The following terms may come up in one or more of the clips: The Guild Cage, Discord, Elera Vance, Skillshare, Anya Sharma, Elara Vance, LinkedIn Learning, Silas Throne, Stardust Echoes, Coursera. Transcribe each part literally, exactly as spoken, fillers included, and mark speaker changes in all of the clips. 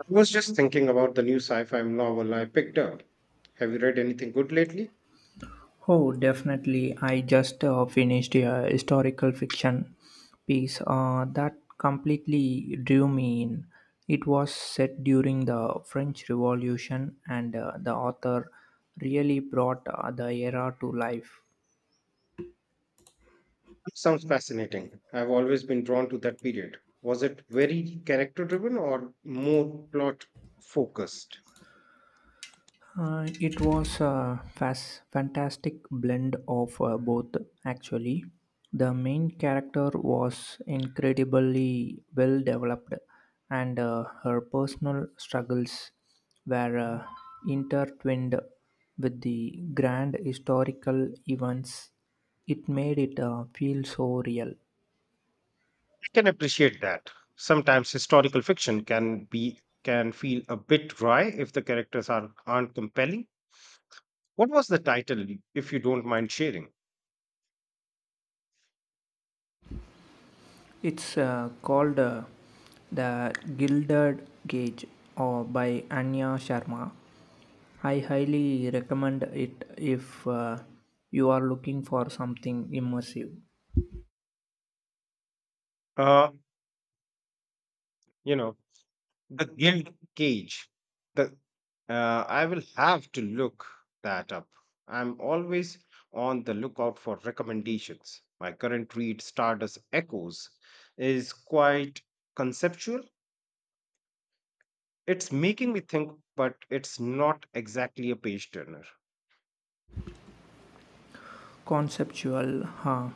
Speaker 1: I was just thinking about the new sci fi novel I picked up. Have you read anything good lately?
Speaker 2: Oh, definitely. I just uh, finished a historical fiction piece uh, that completely drew me in. It was set during the French Revolution, and uh, the author really brought uh, the era to life.
Speaker 1: It sounds fascinating. I've always been drawn to that period. Was it very character driven or more plot focused?
Speaker 2: Uh, it was a fas- fantastic blend of uh, both, actually. The main character was incredibly well developed, and uh, her personal struggles were uh, intertwined with the grand historical events. It made it uh, feel so real.
Speaker 1: I can appreciate that. Sometimes historical fiction can be can feel a bit dry if the characters are aren't compelling. What was the title, if you don't mind sharing?
Speaker 2: It's uh, called uh, The Gilded Cage or by Anya Sharma. I highly recommend it if uh, you are looking for something immersive.
Speaker 1: Uh, you know, the Guild Cage. The Uh, I will have to look that up. I'm always on the lookout for recommendations. My current read, Stardust Echoes, is quite conceptual. It's making me think, but it's not exactly a page turner.
Speaker 2: Conceptual, huh?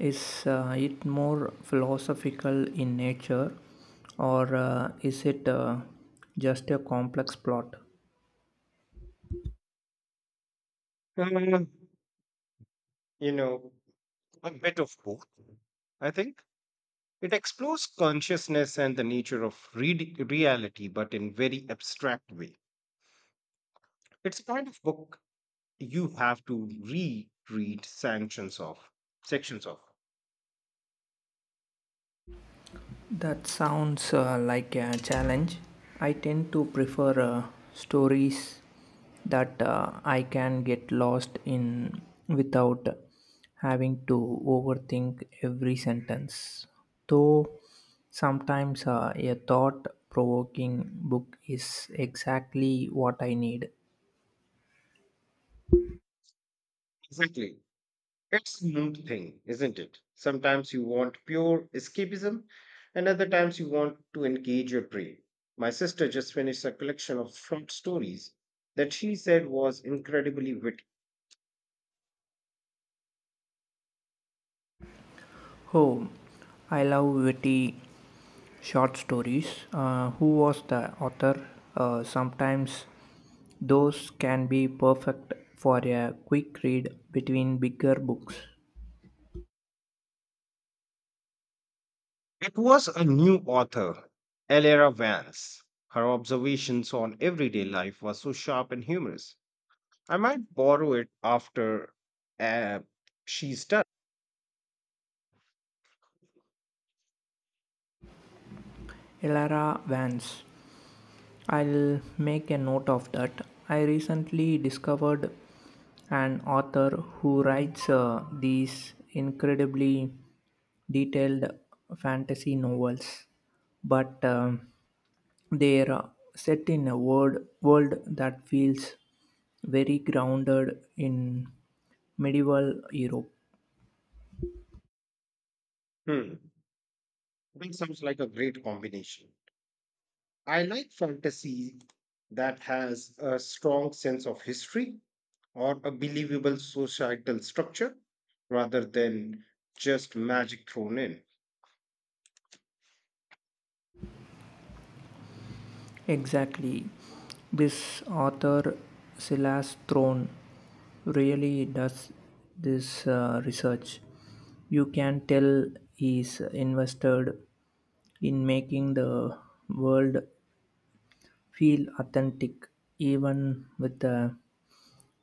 Speaker 2: Is uh, it more philosophical in nature or uh, is it uh, just a complex plot?
Speaker 1: Uh, you know, a bit of both, I think. It explores consciousness and the nature of read- reality, but in very abstract way. It's a kind of book you have to reread sanctions of sections of.
Speaker 2: That sounds uh, like a challenge. I tend to prefer uh, stories that uh, I can get lost in without having to overthink every sentence. Though sometimes uh, a thought provoking book is exactly what I need.
Speaker 1: Exactly. It's a mood thing, isn't it? Sometimes you want pure escapism, and other times you want to engage your brain. My sister just finished a collection of short stories that she said was incredibly witty.
Speaker 2: Oh, I love witty short stories. Uh, who was the author? Uh, sometimes those can be perfect for a quick read between bigger books.
Speaker 1: It was a new author, Elera Vance. Her observations on everyday life were so sharp and humorous. I might borrow it after uh, she's done.
Speaker 2: Elara Vance. I'll make a note of that. I recently discovered an author who writes uh, these incredibly detailed fantasy novels, but um, they're uh, set in a world, world that feels very grounded in medieval Europe.
Speaker 1: Hmm. That sounds like a great combination. I like fantasy that has a strong sense of history or a believable societal structure rather than just magic thrown in.
Speaker 2: Exactly. This author, Silas Throne, really does this uh, research. You can tell he's invested in making the world feel authentic, even with the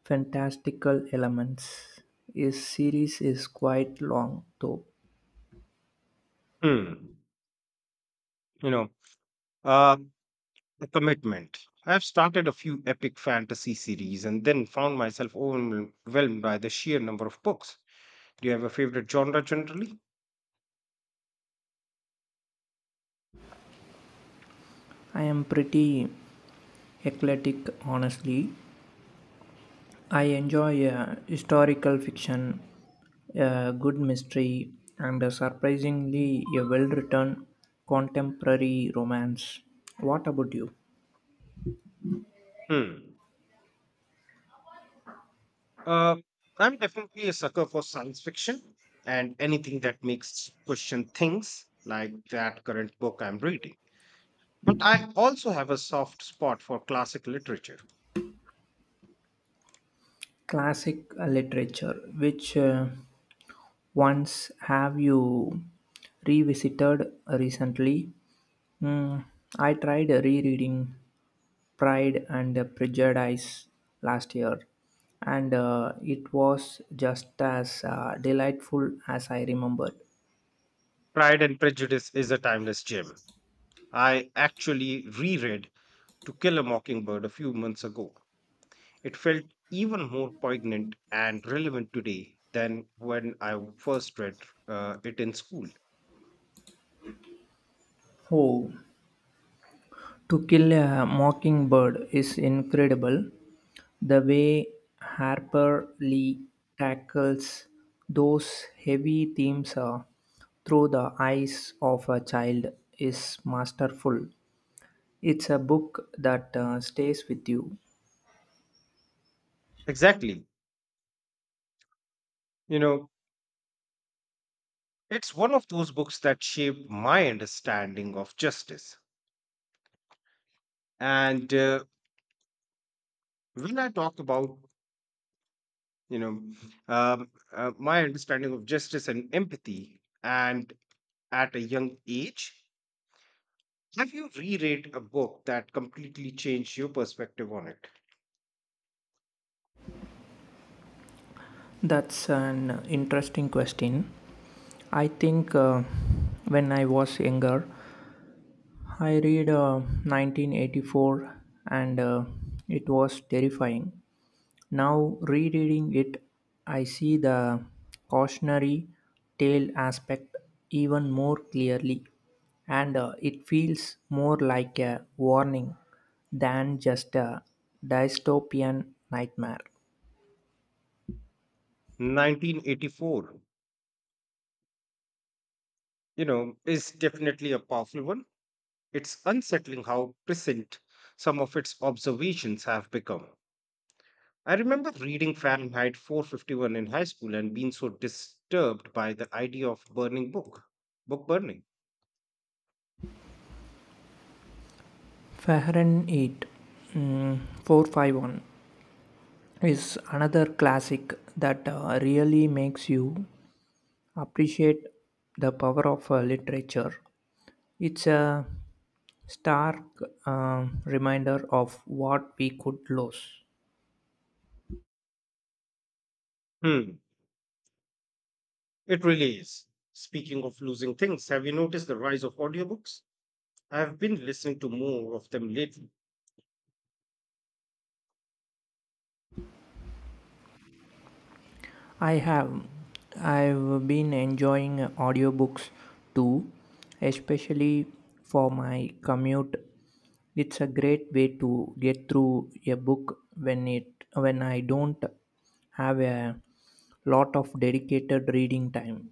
Speaker 2: fantastical elements. His series is quite long though.
Speaker 1: Hmm. You know, uh, a commitment. I've started a few epic fantasy series and then found myself overwhelmed by the sheer number of books. Do you have a favorite genre generally?
Speaker 2: I am pretty eclectic honestly. I enjoy uh, historical fiction, a good mystery, and a surprisingly a well-written contemporary romance. What about you?
Speaker 1: Hmm. Uh, I'm definitely a sucker for science fiction and anything that makes question things like that current book I'm reading. But I also have a soft spot for classic literature.
Speaker 2: Classic uh, literature, which uh, ones have you revisited recently? Hmm, I tried rereading Pride and Prejudice last year, and uh, it was just as uh, delightful as I remembered.
Speaker 1: Pride and Prejudice is a timeless gem. I actually reread To Kill a Mockingbird a few months ago. It felt even more poignant and relevant today than when I first read uh, it in school.
Speaker 2: Oh, To Kill a Mockingbird is incredible. The way Harper Lee tackles those heavy themes uh, through the eyes of a child is masterful. It's a book that uh, stays with you.
Speaker 1: Exactly. You know, it's one of those books that shaped my understanding of justice. And uh, when I talk about, you know, um, uh, my understanding of justice and empathy, and at a young age, have you reread a book that completely changed your perspective on it?
Speaker 2: That's an interesting question. I think uh, when I was younger, I read uh, nineteen eighty-four, and uh, it was terrifying. Now, rereading it, I see the cautionary tale aspect even more clearly, and uh, it feels more like a warning than just a dystopian nightmare.
Speaker 1: Nineteen eighty-four, you know, is definitely a powerful one. It's unsettling how prescient some of its observations have become. I remember reading Fahrenheit four fifty-one in high school and being so disturbed by the idea of burning book, book burning.
Speaker 2: Fahrenheit eight m m, four five one is another classic that uh, really makes you appreciate the power of uh, literature. It's a stark uh, reminder of what we could lose.
Speaker 1: Hmm, it really is. Speaking of losing things, have you noticed the rise of audiobooks? I've been listening to more of them lately.
Speaker 2: I have. I've been enjoying audiobooks too, especially for my commute. It's a great way to get through a book when it when I don't have a lot of dedicated reading time.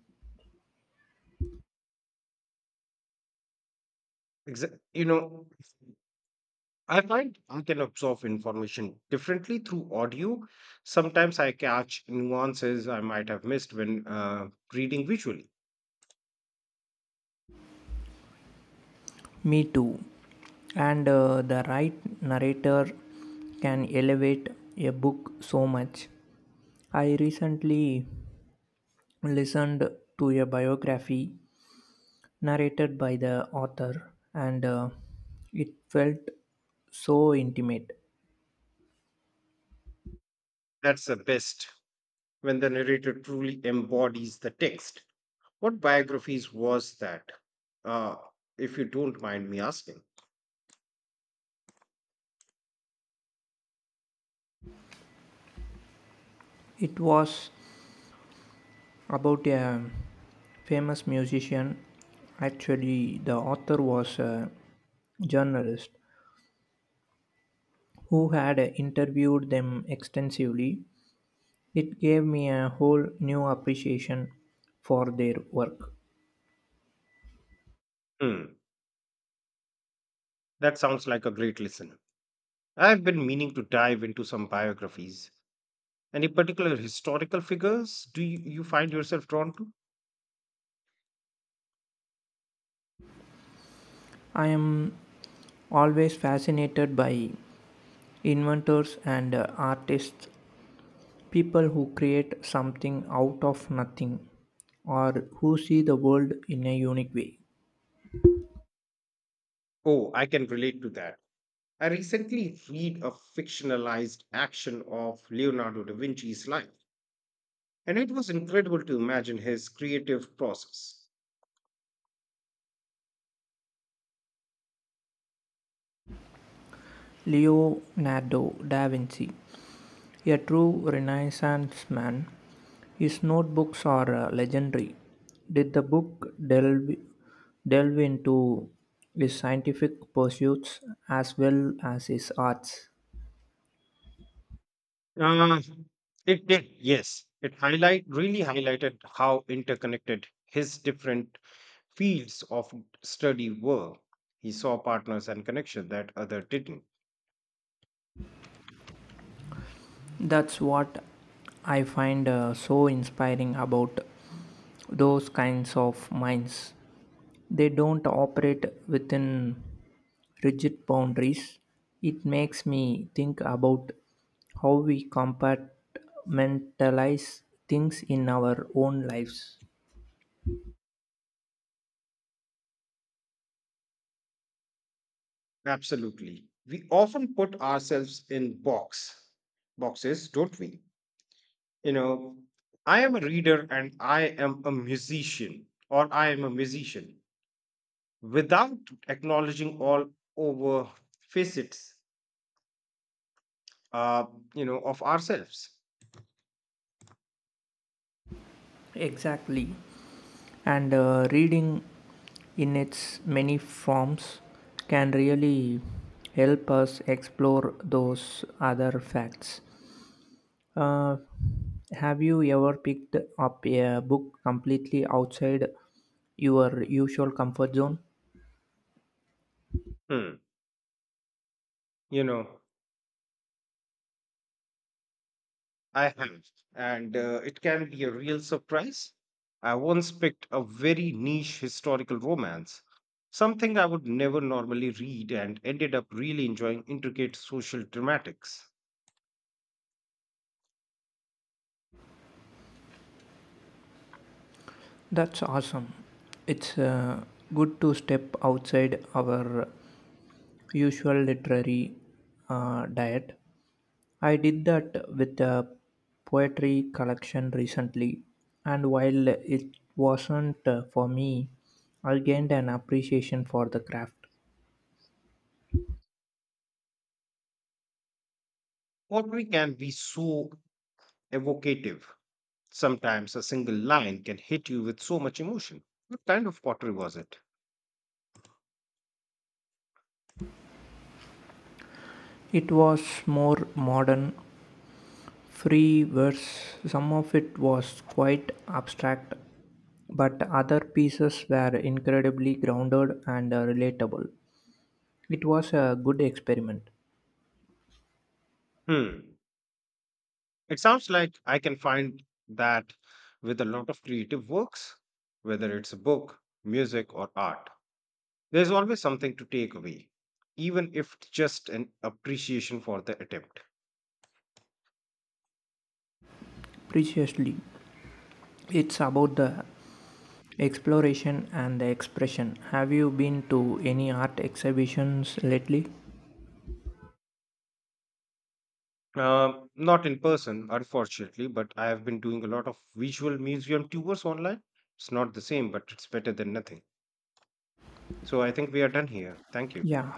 Speaker 1: Exa- you know, I find I can absorb information differently through audio. Sometimes I catch nuances I might have missed when uh, reading visually.
Speaker 2: Me too. And uh, the right narrator can elevate a book so much. I recently listened to a biography narrated by the author, and uh, it felt so intimate.
Speaker 1: That's the best when the narrator truly embodies the text. What biographies was that? Uh, if you don't mind me asking.
Speaker 2: It was about a famous musician. Actually, the author was a journalist who had interviewed them extensively. It gave me a whole new appreciation for their work.
Speaker 1: Hmm, that sounds like a great listen. I've been meaning to dive into some biographies. Any particular historical figures do you, you find yourself drawn to?
Speaker 2: I am always fascinated by inventors and uh, artists. People who create something out of nothing or who see the world in a unique way.
Speaker 1: Oh, I can relate to that. I recently read a fictionalized action of Leonardo da Vinci's life. And it was incredible to imagine his creative process.
Speaker 2: Leonardo da Vinci, a true Renaissance man, his notebooks are uh, legendary. Did the book delve, delve into his scientific pursuits as well as his arts?
Speaker 1: Uh, it did, yes. It highlight really highlighted how interconnected his different fields of study were. He saw partners and connections that other didn't.
Speaker 2: That's what I find uh, so inspiring about those kinds of minds. They don't operate within rigid boundaries. It makes me think about how we compartmentalize things in our own lives.
Speaker 1: Absolutely. We often put ourselves in box boxes, don't we? You know, I am a reader and I am a musician, or I am a musician without acknowledging all over facets, uh you know of ourselves.
Speaker 2: Exactly. And uh, reading in its many forms can really help us explore those other facts. Uh, have you ever picked up a book completely outside your usual comfort zone?
Speaker 1: Hmm. You know, I have, and uh, it can be a real surprise. I once picked a very niche historical romance, something I would never normally read, and ended up really enjoying intricate social dramatics.
Speaker 2: That's awesome. It's uh, good to step outside our usual literary uh, diet. I did that with a poetry collection recently, and while it wasn't uh, for me, I gained an appreciation for the craft.
Speaker 1: Poetry can be so evocative. Sometimes a single line can hit you with so much emotion. What kind of pottery was it?
Speaker 2: It was more modern free verse. Some of it was quite abstract, but other pieces were incredibly grounded and uh, relatable. It was a good experiment.
Speaker 1: Hmm. It sounds like I can find that with a lot of creative works, whether it's a book, music, or art. There's always something to take away, even if it's just an appreciation for the attempt.
Speaker 2: Preciously, it's about the exploration and the expression. Have you been to any art exhibitions lately?
Speaker 1: Um, not in person, unfortunately, but I have been doing a lot of visual museum tours online. It's not the same, but it's better than nothing. So I think we are done here. Thank you.
Speaker 2: Yeah,